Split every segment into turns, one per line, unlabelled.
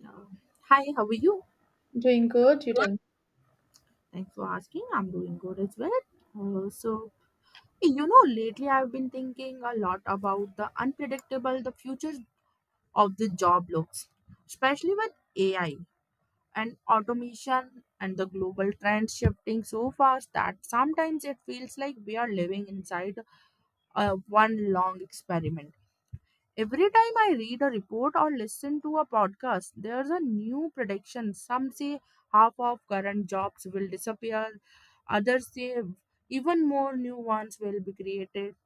Yeah. Hi, how are you?
Doing good, you tell me.
Thanks for asking. I'm doing good as well. So, hey, lately I've been thinking a lot about the future of the job looks, especially with AI and automation and the global trends shifting so fast that sometimes it feels like we are living inside one long experiment. Every time I read a report or listen to a podcast, there's a new prediction. Some say half of current jobs will disappear, others say even more new ones will be created,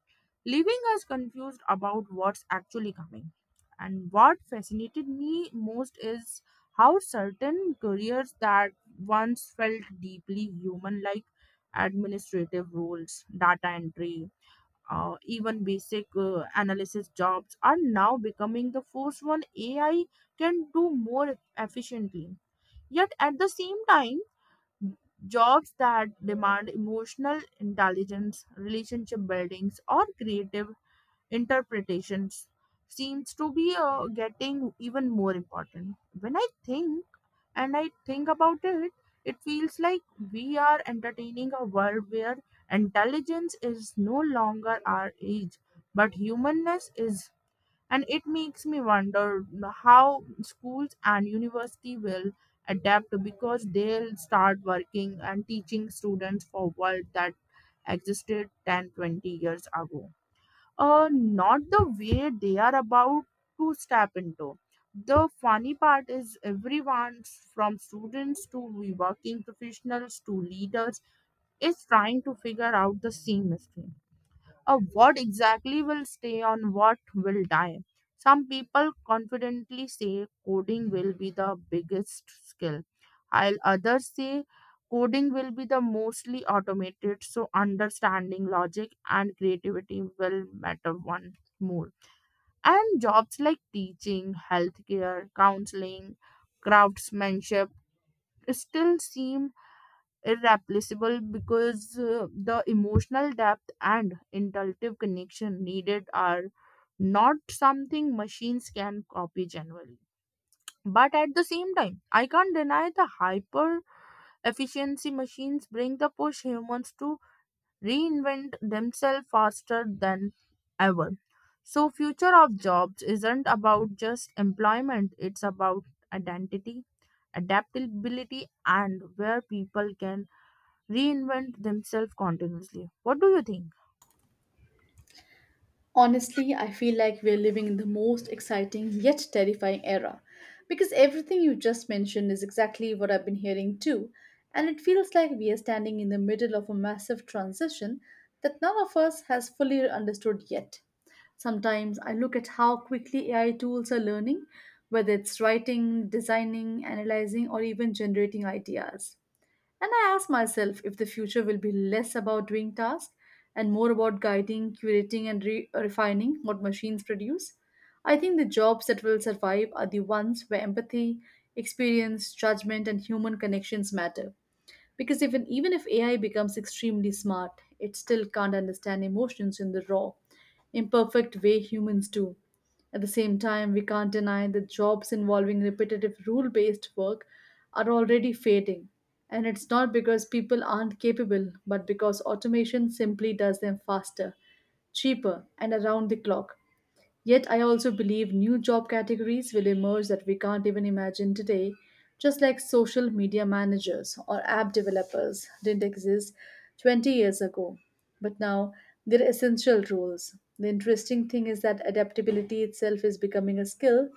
leaving us confused about what's actually coming. And what fascinated me most is how certain careers that once felt deeply human, like administrative roles, data entry, even basic analysis jobs are now becoming the first one AI can do more efficiently. Yet at the same time, jobs that demand emotional intelligence, relationship buildings, or creative interpretations seems to be getting even more important. When I think and I think about it, it feels like we are entertaining a world where intelligence is no longer our age, but humanness is. And it makes me wonder how schools and university will adapt because they'll start working and teaching students for world that existed 10, 20 years ago, not the way they are about to step into. The funny part is everyone from students to working professionals to leaders is trying to figure out the same mystery of what exactly will stay on what will die. Some people confidently say coding will be the biggest skill, while others say coding will be the mostly automated, so understanding logic and creativity will matter one more. And jobs like teaching, healthcare, counseling, craftsmanship still seem irreplaceable because the emotional depth and intuitive connection needed are not something machines can copy generally. But at the same time, I can't deny the hyper efficiency machines bring the push humans to reinvent themselves faster than ever. So future of jobs isn't about just employment, it's about identity, adaptability and where people can reinvent themselves continuously. What do you think?
Honestly, I feel like we're living in the most exciting yet terrifying era because everything you just mentioned is exactly what I've been hearing too. And it feels like we are standing in the middle of a massive transition that none of us has fully understood yet. Sometimes I look at how quickly AI tools are learning, whether it's writing, designing, analyzing, or even generating ideas. And I ask myself if the future will be less about doing tasks and more about guiding, curating, and refining what machines produce. I think the jobs that will survive are the ones where empathy, experience, judgment, and human connections matter because even if AI becomes extremely smart, it still can't understand emotions in the raw, imperfect way humans do. At the same time, we can't deny that jobs involving repetitive rule based work are already fading. And it's not because people aren't capable, but because automation simply does them faster, cheaper, and around the clock. Yet I also believe new job categories will emerge that we can't even imagine today, just like social media managers or app developers didn't exist 20 years ago. But now they're essential roles. The interesting thing is that adaptability itself is becoming a skill.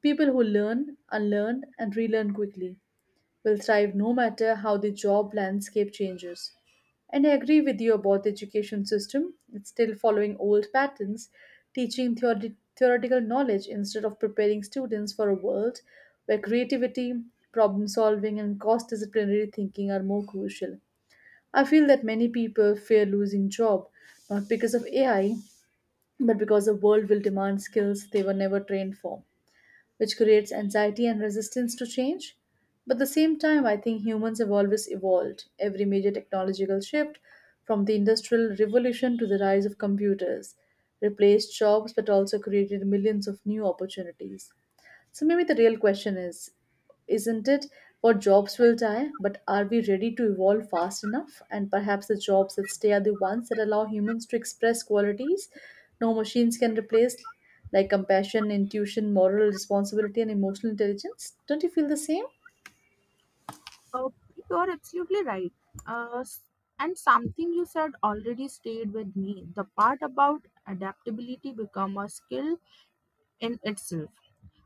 People who learn, unlearn, and relearn quickly will thrive no matter how the job landscape changes. And I agree with you about the education system. It's still following old patterns, teaching theoretical knowledge instead of preparing students for a world where creativity, problem solving, and cost disciplinary thinking are more crucial. I feel that many people fear losing job not because of AI, but because the world will demand skills they were never trained for, which creates anxiety and resistance to change. But at the same time, I think humans have always evolved. Every major technological shift, from the Industrial Revolution to the rise of computers, replaced jobs but also created millions of new opportunities. So maybe the real question is, isn't it what jobs will die, but are we ready to evolve fast enough? And perhaps the jobs that stay are the ones that allow humans to express qualities no machines can replace, like compassion, intuition, moral responsibility, and emotional intelligence. Don't you feel the same?
Oh, you're absolutely right. Uh, s- and something you said already stayed with me. The part about adaptability become a skill in itself.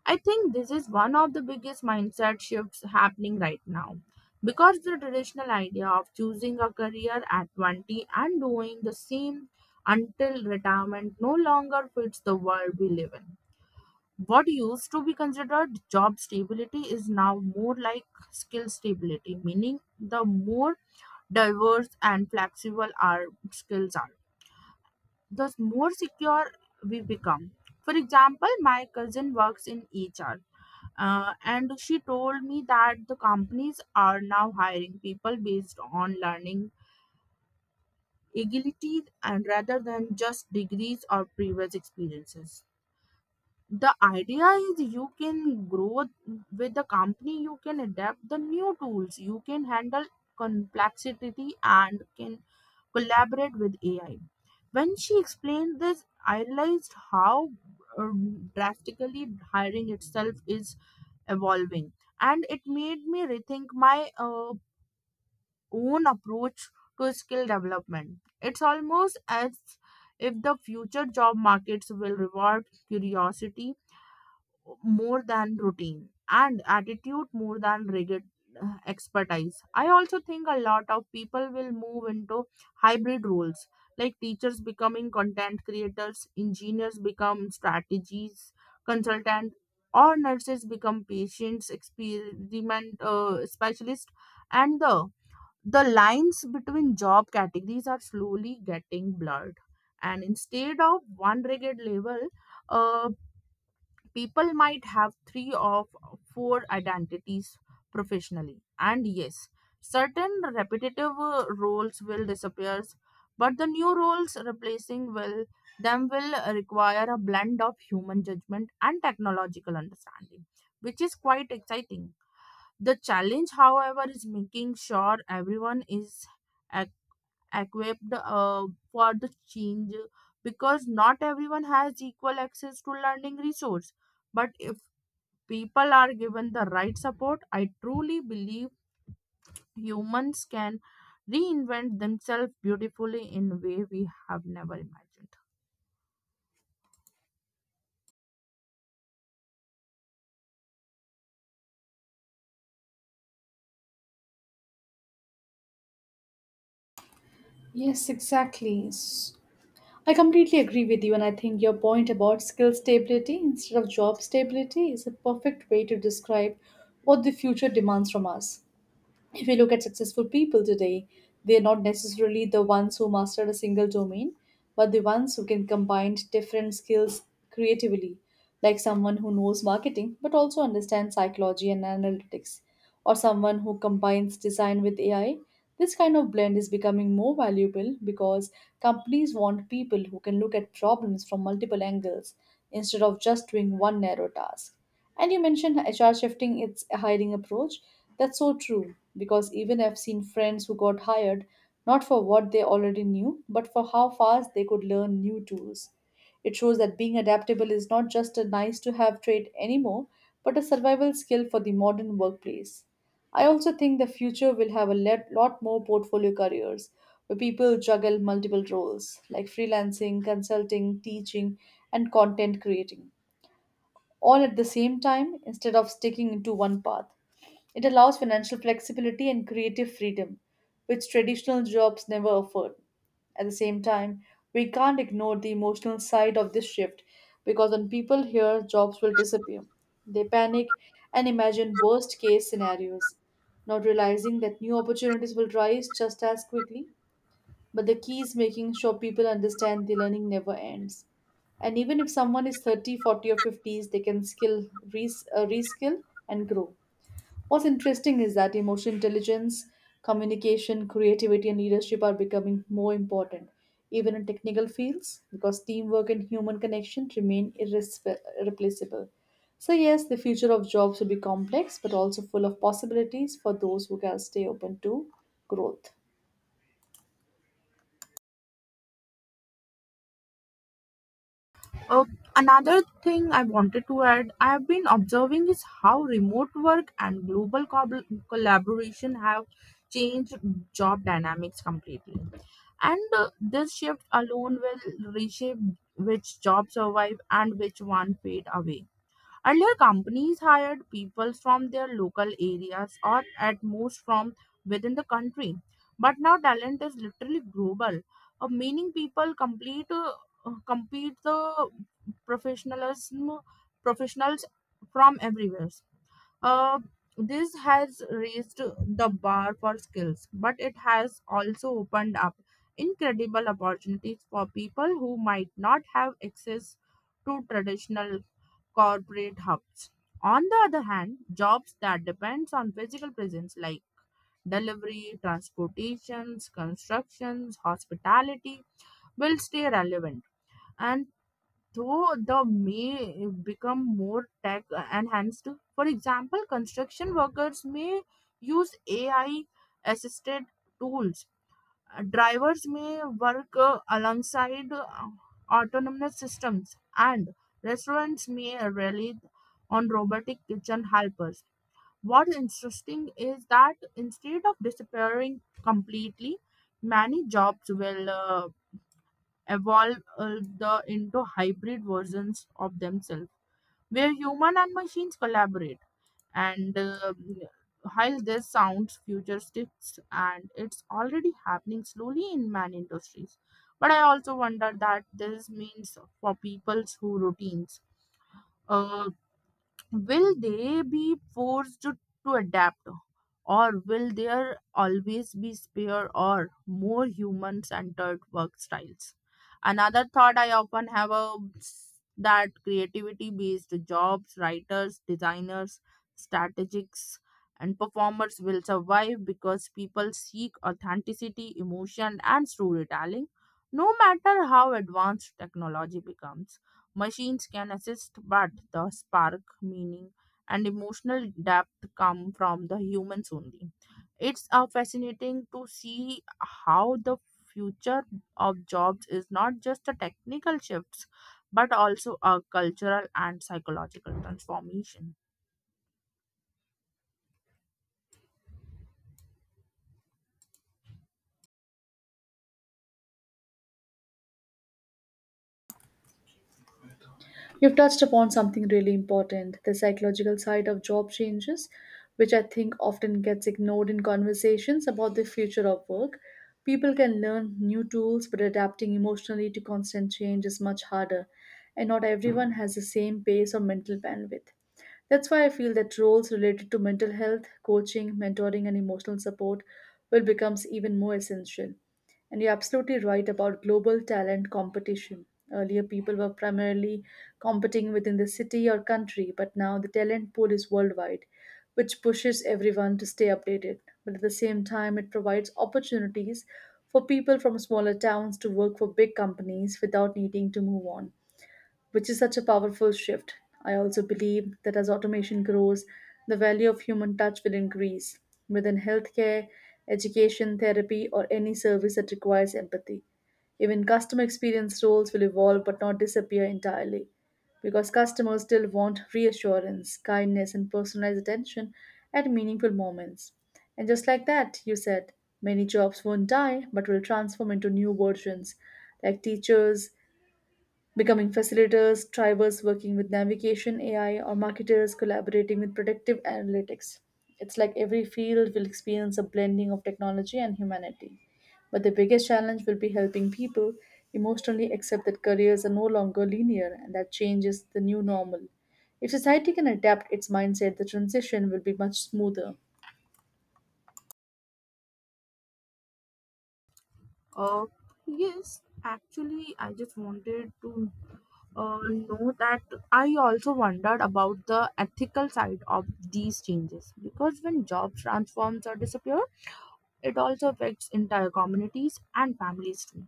I think this is one of the biggest mindset shifts happening right now. Because the traditional idea of choosing a career at 20 and doing the same until retirement no longer fits the world we live in. What used to be considered job stability is now more like skill stability, meaning the more diverse and flexible our skills are, the more secure we become. For example, my cousin works in HR, and she told me that the companies are now hiring people based on learning agility and rather than just degrees or previous experiences. The idea is you can grow with the company, you can adapt the new tools, you can handle complexity and can collaborate with AI. When she explained this, I realized how uh, drastically hiring itself is evolving, and it made me rethink my own approach to skill development. It's almost as if the future job markets will reward curiosity more than routine and attitude more than rigid expertise. I also think a lot of people will move into hybrid roles like teachers becoming content creators, engineers become strategies consultant, or nurses become patients experiment specialist. And the lines between job categories are slowly getting blurred, and instead of one rigid level, uh, People might have three or four identities professionally. And yes, certain repetitive roles will disappear, but the new roles replacing will them will require a blend of human judgment and technological understanding, which is quite exciting. The challenge, however, is making sure everyone is ac- equipped, for the change because not everyone has equal access to learning resource, but people are given the right support, I truly believe humans can reinvent themselves beautifully in a way we have never imagined.
Yes, exactly. I completely agree with you, and I think your point about skill stability instead of job stability is a perfect way to describe what the future demands from us. If you look at successful people today, they are not necessarily the ones who mastered a single domain, but the ones who can combine different skills creatively, like someone who knows marketing but also understands psychology and analytics, or someone who combines design with AI. This kind of blend is becoming more valuable because companies want people who can look at problems from multiple angles instead of just doing one narrow task. And you mentioned HR shifting its hiring approach. That's so true because even I've seen friends who got hired not for what they already knew, but for how fast they could learn new tools. It shows that being adaptable is not just a nice to have trait anymore, but a survival skill for the modern workplace. I also think the future will have a lot more portfolio careers where people juggle multiple roles like freelancing, consulting, teaching, and content creating all at the same time instead of sticking into one path. It allows financial flexibility and creative freedom, which traditional jobs never afford. At the same time, we can't ignore the emotional side of this shift because when people hear jobs will disappear, they panic and imagine worst case scenarios, not realizing that new opportunities will rise just as quickly, but the key is making sure people understand the learning never ends. And even if someone is 30, 40, or 50s, they can skill, reskill and grow. What's interesting is that emotional intelligence, communication, creativity, and leadership are becoming more important, even in technical fields, because teamwork and human connection remain irreplaceable. So, yes, the future of jobs will be complex, but also full of possibilities for those who can stay open to growth.
Uh, another thing I wanted to add, I have been observing is how remote work and global collaboration have changed job dynamics completely. And this shift alone will reshape which jobs survive and which one fade away. Earlier, companies hired people from their local areas or at most from within the country. But now talent is literally global, meaning people complete compete the professionalism professionals from everywhere. Uh, this has raised the bar for skills, but it has also opened up incredible opportunities for people who might not have access to traditional corporate hubs. On the other hand, jobs that depends on physical presence like delivery, transportations, constructions, hospitality will stay relevant, and though the may become more tech enhanced. For example, construction workers may use AI assisted tools, drivers may work alongside autonomous systems, and restaurants may rely on robotic kitchen helpers. What's interesting is that instead of disappearing completely, many jobs will evolve into hybrid versions of themselves, where human and machines collaborate. And while this sounds futuristic, and it's already happening slowly in many industries, but I also wonder that this means for people's who routines, uh, will they be forced to adapt, or will there always be spare or more human centered work styles. Another thought I often have that creativity based jobs writers designers strategists and performers will survive because people seek authenticity emotion and storytelling no matter how advanced technology becomes. Machines can assist, but the spark, meaning, and emotional depth come from the humans only. It's fascinating to see how the future of jobs is not just a technical shifts, but also a cultural and psychological transformation.
You've touched upon something really important, the psychological side of job changes, which I think often gets ignored in conversations about the future of work. People can learn new tools, but adapting emotionally to constant change is much harder, and not everyone has the same pace or mental bandwidth. That's why I feel that roles related to mental health, coaching, mentoring, and emotional support will become even more essential. And you're absolutely right about global talent competition. Earlier, people were primarily competing within the city or country, but now the talent pool is worldwide, which pushes everyone to stay updated. But at the same time, it provides opportunities for people from smaller towns to work for big companies without needing to move on, which is such a powerful shift. I also believe that as automation grows, the value of human touch will increase within healthcare, education, therapy, or any service that requires empathy. Even customer experience roles will evolve but not disappear entirely because customers still want reassurance, kindness, and personalized attention at meaningful moments. And just like that, you said, many jobs won't die but will transform into new versions like teachers becoming facilitators, drivers working with navigation AI, or marketers collaborating with predictive analytics. It's like every field will experience a blending of technology and humanity. But the biggest challenge will be helping people emotionally accept that careers are no longer linear and that change is the new normal. If society can adapt its mindset, the transition will be much smoother.
Uh, yes, actually, I just wanted to No, that I also wondered about the ethical side of these changes because when jobs transforms or disappear, it also affects entire communities and families too.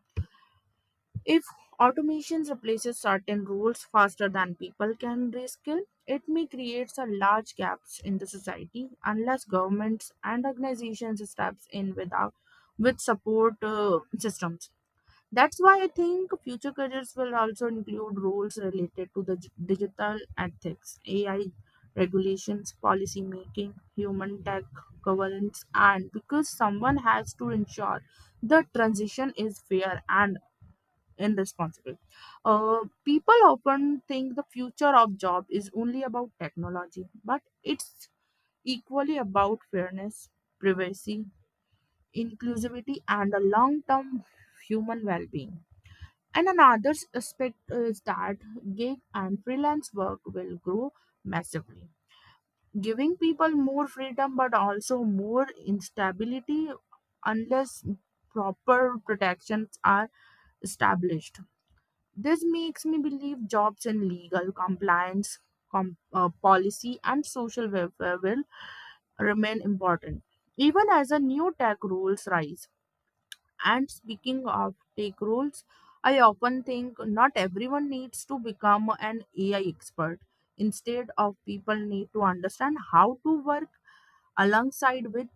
If automation replaces certain roles faster than people can reskill, it may create a large gaps in the society unless governments and organizations steps in without with support systems. That's why I think future careers will also include roles related to the digital ethics, AI regulations, policy making, human tech governance, and because someone has to ensure the transition is fair and irresponsible. People often think the future of job is only about technology, but it's equally about fairness, privacy, inclusivity, and a long-term human well-being. And another aspect is that gig and freelance work will grow massively, giving people more freedom but also more instability unless proper protections are established. This makes me believe jobs in legal compliance, policy, and social welfare will remain important, even as the new tech rules rise. And speaking of tech roles, I often think not everyone needs to become an AI expert. Instead of people need to understand how to work alongside with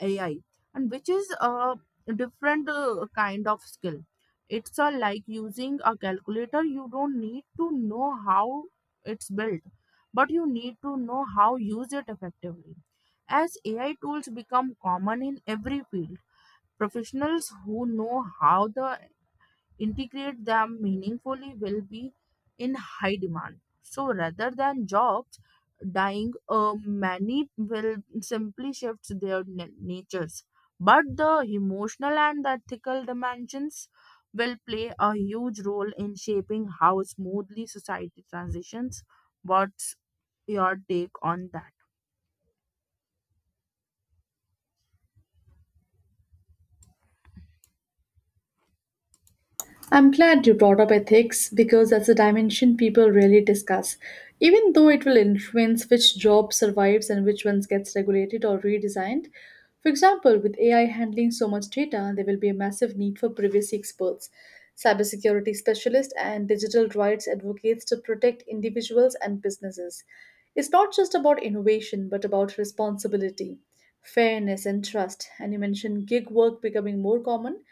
AI, and which is a different kind of skill. It's like using a calculator. You don't need to know how it's built, but you need to know how use it effectively. As AI tools become common in every field, professionals who know how to integrate them meaningfully will be in high demand. So rather than jobs dying, many will simply shift their natures. But the emotional and ethical dimensions will play a huge role in shaping how smoothly society transitions. What's your take on that?
I'm glad you brought up ethics because that's a dimension people rarely discuss, even though it will influence which job survives and which ones gets regulated or redesigned. For example, with AI handling so much data, there will be a massive need for privacy experts, cybersecurity specialists, and digital rights advocates to protect individuals and businesses. It's not just about innovation, but about responsibility, fairness, and trust. And you mentioned gig work becoming more common.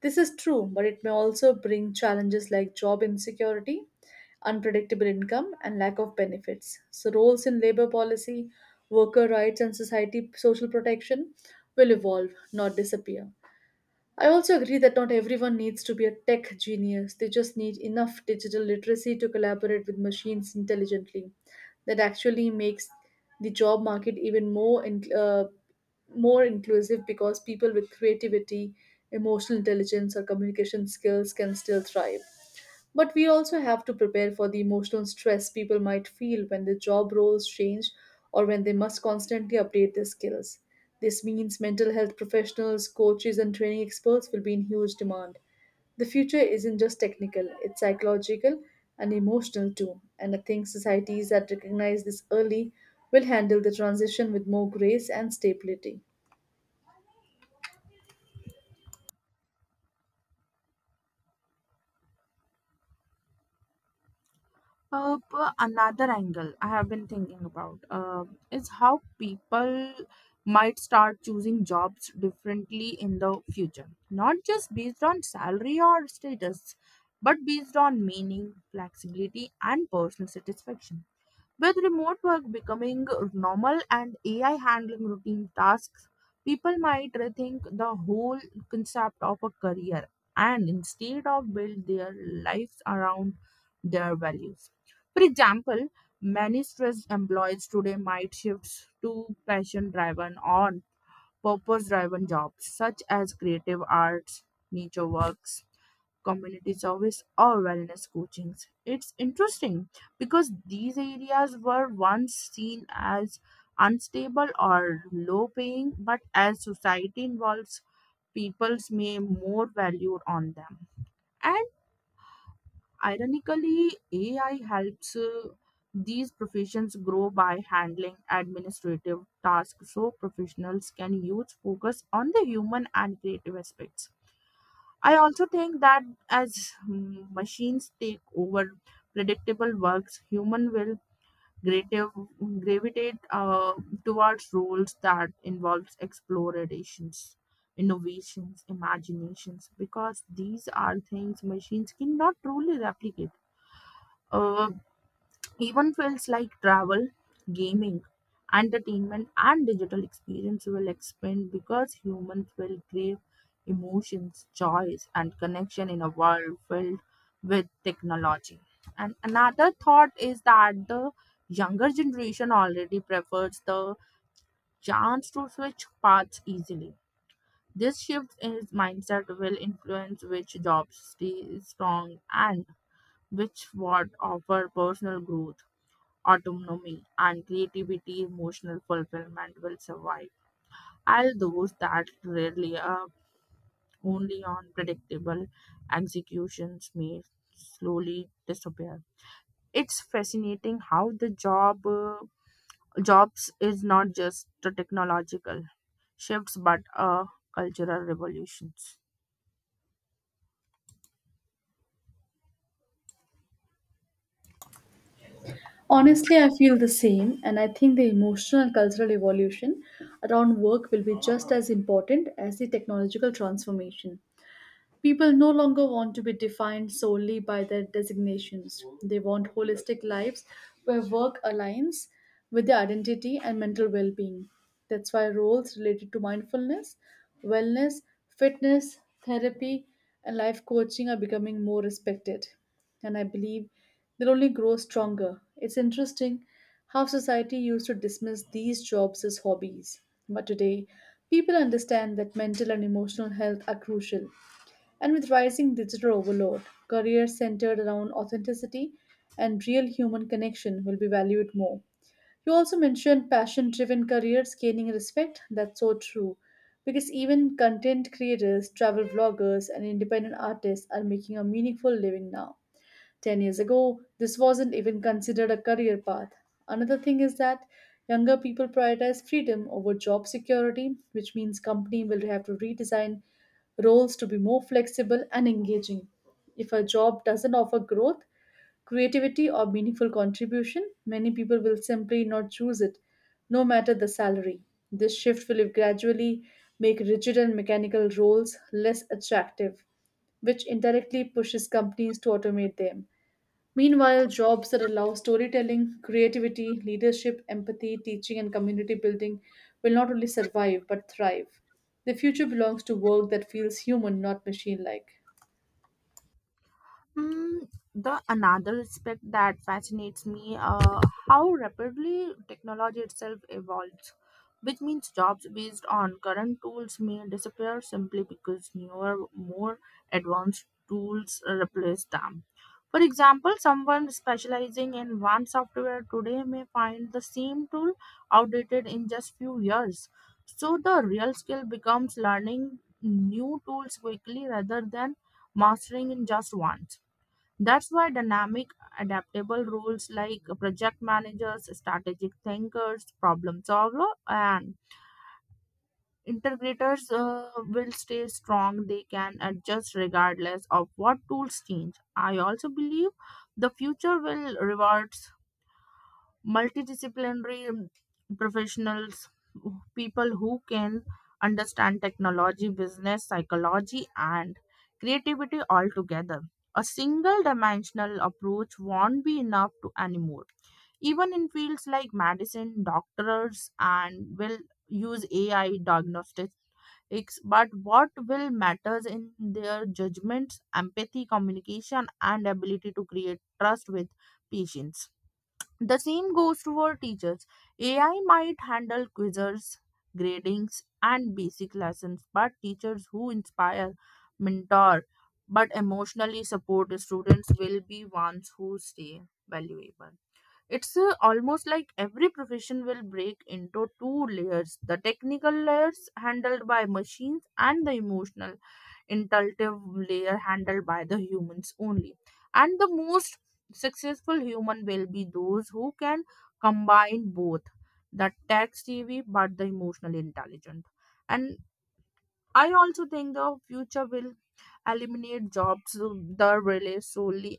This is true, but it may also bring challenges like job insecurity, unpredictable income, and lack of benefits. So, roles in labor policy, worker rights, and society social protection will evolve, not disappear. I also agree that not everyone needs to be a tech genius. They just need enough digital literacy to collaborate with machines intelligently. That actually makes the job market even more more inclusive because people with creativity, emotional intelligence, or communication skills can still thrive. But we also have to prepare for the emotional stress people might feel when their job roles change or when they must constantly update their skills. This means mental health professionals, coaches, and training experts will be in huge demand. The future isn't just technical, it's psychological and emotional too. And I think societies that recognize this early will handle the transition with more grace and stability.
But another angle I have been thinking about, is how people might start choosing jobs differently in the future, not just based on salary or status, but based on meaning, flexibility, and personal satisfaction. With remote work becoming normal and AI handling routine tasks, people might rethink the whole concept of a career and instead of build their lives around their values. For example, many stressed employees today might shift to passion driven or purpose driven jobs such as creative arts, nature works, community service or wellness coachings. It's interesting because these areas were once seen as unstable or low paying but as society involves people's may more value on them, and ironically AI helps these professions grow by handling administrative tasks so professionals can use focus on the human and creative aspects. I also think that as machines take over predictable works, human will grative, gravitate towards roles that involves explorations, innovations, imaginations, because these are things machines cannot truly replicate. Uh, even fields like travel, gaming, entertainment, and digital experience will expand because humans will crave emotions, joys, and connection in a world filled with technology. And another thought is that the younger generation already prefers the chance to switch paths easily. This shift in mindset will influence which jobs stay strong, and which what offer personal growth autonomy, and creativity, emotional fulfillment will survive. All those that rely only on predictable executions may slowly disappear. It's fascinating how the jobs is not just the technological shifts but cultural revolutions.
Honestly, I feel the same, and I think the emotional and cultural evolution around work will be just as important as the technological transformation. People no longer want to be defined solely by their designations. They want holistic lives where work aligns with their identity and mental well being. That's why roles related to mindfulness, wellness, fitness, therapy, and life coaching are becoming more respected. And I believe they'll only grow stronger. It's interesting how society used to dismiss these jobs as hobbies. But today, people understand that mental and emotional health are crucial. And with rising digital overload, careers centered around authenticity and real human connection will be valued more. You also mentioned passion driven careers gaining respect. That's so true. Because even content creators, travel vloggers, and independent artists are making a meaningful living now. 10 years ago, this wasn't even considered a career path. Another thing is that younger people prioritize freedom over job security, which means company will have to redesign roles to be more flexible and engaging. If a job doesn't offer growth, creativity or meaningful contribution, many people will simply not choose it, no matter the salary. This shift will gradually make rigid and mechanical roles less attractive, which indirectly pushes companies to automate them. Meanwhile, jobs that allow storytelling, creativity, leadership, empathy, teaching, and community building will not only survive but thrive. The future belongs to work that feels human, not machine like.
Mm, the another aspect that fascinates me, how rapidly technology itself evolves, which means jobs based on current tools may disappear simply because newer, more advanced tools replace them. For example, someone specializing in one software today may find the same tool outdated in just few years. So the real skill becomes learning new tools quickly rather than mastering in just one. That's why dynamic, adaptable roles like project managers, strategic thinkers, problem solver, and integrators will stay strong. They can adjust regardless of what tools change. I also believe the future will reward multidisciplinary professionals, people who can understand technology, business, psychology, and creativity all together. A single dimensional approach won't be enough to anymore. Even in fields like medicine, doctors and will use AI diagnostics, but what will matters in their judgments, empathy, communication, and ability to create trust with patients. The same goes to our teachers. AI might handle quizzes, gradings, and basic lessons, but teachers who inspire, mentor, but emotionally support students will be ones who stay valuable. It's almost like every profession will break into two layers, the technical layers handled by machines, and the emotional, intuitive layer handled by the humans only. And the most successful human will be those who can combine both, the tech savvy but the emotional intelligent. And I also think the future will eliminate jobs that rely solely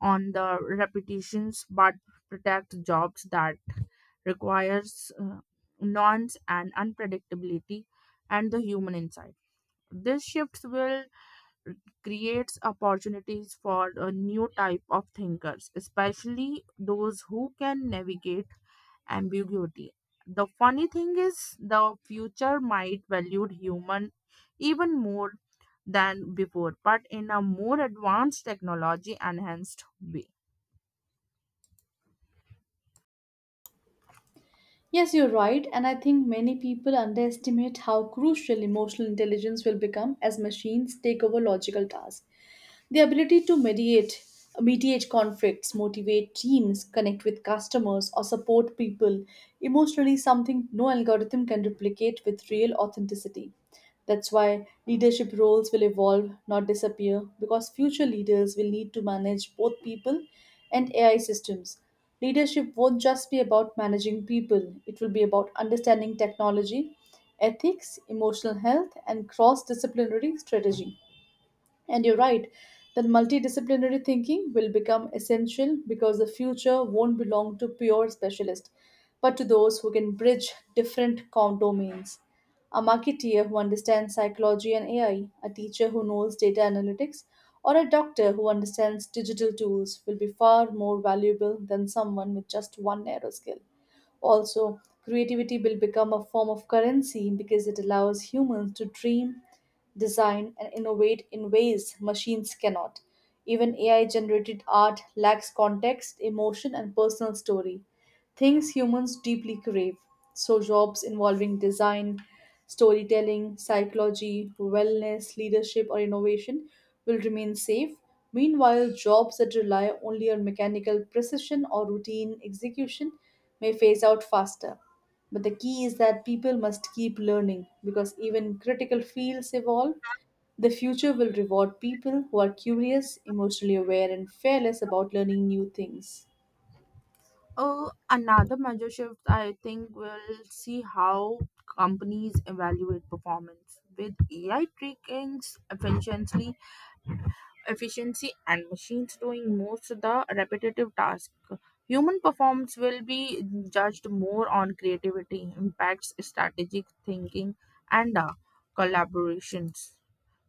on the repetitions, but protect jobs that requires nuance and unpredictability and the human insight. This shift will creates opportunities for a new type of thinkers, especially those who can navigate ambiguity. The funny thing is, the future might value human even more than before, but in a more advanced, technology enhanced way.
Yes, you're right, and I think many people underestimate how crucial emotional intelligence will become as machines take over logical tasks. The ability to mediate conflicts, motivate teams, connect with customers, or support people emotionally is something no algorithm can replicate with real authenticity. That's why leadership roles will evolve, not disappear, because future leaders will need to manage both people and AI systems. Leadership won't just be about managing people, it will be about understanding technology, ethics, emotional health, and cross disciplinary strategy. And you're right that multidisciplinary thinking will become essential because the future won't belong to pure specialists, but to those who can bridge different domains. A marketeer who understands psychology and AI, a teacher who knows data analytics, or a doctor who understands digital tools will be far more valuable than someone with just one narrow skill. Also, creativity will become a form of currency because it allows humans to dream, design, and innovate in ways machines cannot. Even AI generated art lacks context, emotion, and personal story, things humans deeply crave. So, jobs involving design, storytelling, psychology, wellness, leadership, or innovation will remain safe. Meanwhile, jobs that rely only on mechanical precision or routine execution may phase out faster. But the key is that people must keep learning because even critical fields evolve. The future will reward people who are curious, emotionally aware, and fearless about learning new things.
Another major shift I think will see how companies evaluate performance, with AI tracking efficiency efficiency and machines doing most of the repetitive task. Human performance will be judged more on creativity, impacts, strategic thinking, and collaborations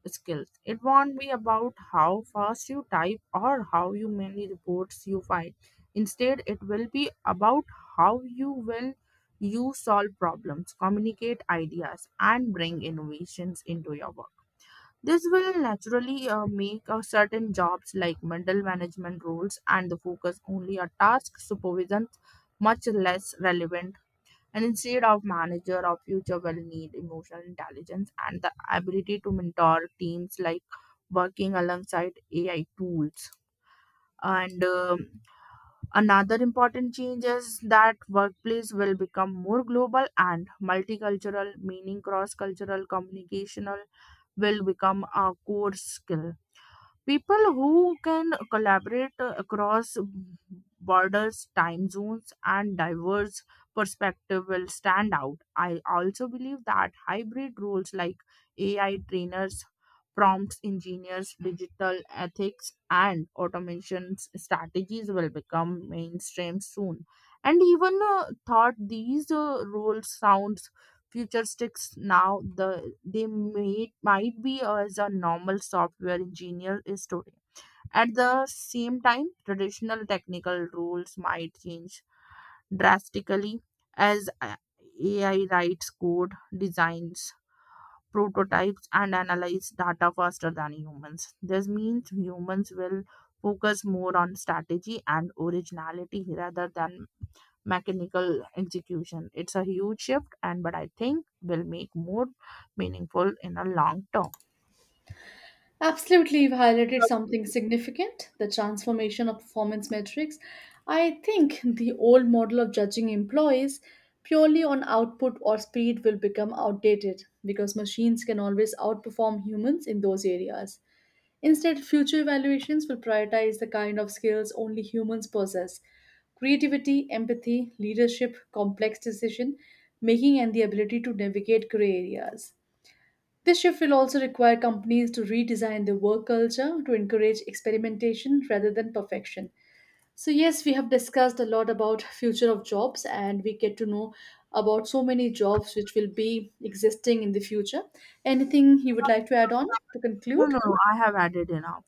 skills. It won't be about how fast you type or how you many reports you file. Instead, it will be about how you solve problems, communicate ideas, and bring innovations into your work. This will naturally make certain jobs like middle management roles and the focus only on task supervision much less relevant. And instead of manager of future will need emotional intelligence and the ability to mentor teams like working alongside AI tools. And another important change is that workplace will become more global and multicultural, meaning cross-cultural communicational will become a core skill. People who can collaborate across borders, time zones, and diverse perspective will stand out. I also believe that hybrid roles like AI trainers, prompts engineers, digital ethics, and automation strategies will become mainstream soon. And even thought these roles sound futuristics now, they might be as a normal software engineer is today. At the same time, traditional technical roles might change drastically as AI writes code, designs, prototypes, and analyze data faster than humans. This means humans will focus more on strategy and originality rather than mechanical execution. It's a huge shift, and but I think will make more meaningful in a long term.
Absolutely, you've highlighted something significant, the transformation of performance metrics. I think the old model of judging employees purely on output or speed will become outdated because machines can always outperform humans in those areas. Instead, future evaluations will prioritize the kind of skills only humans possess: creativity, empathy, leadership, complex decision making, and the ability to navigate gray areas. This shift will also require companies to redesign their work culture to encourage experimentation rather than perfection. So yes, we have discussed a lot about future of jobs and we get to know about so many jobs which will be existing in the future. Anything you would like to add on to
No,
conclude?
no, no, I have added enough.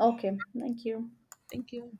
Okay, thank you.
Thank you.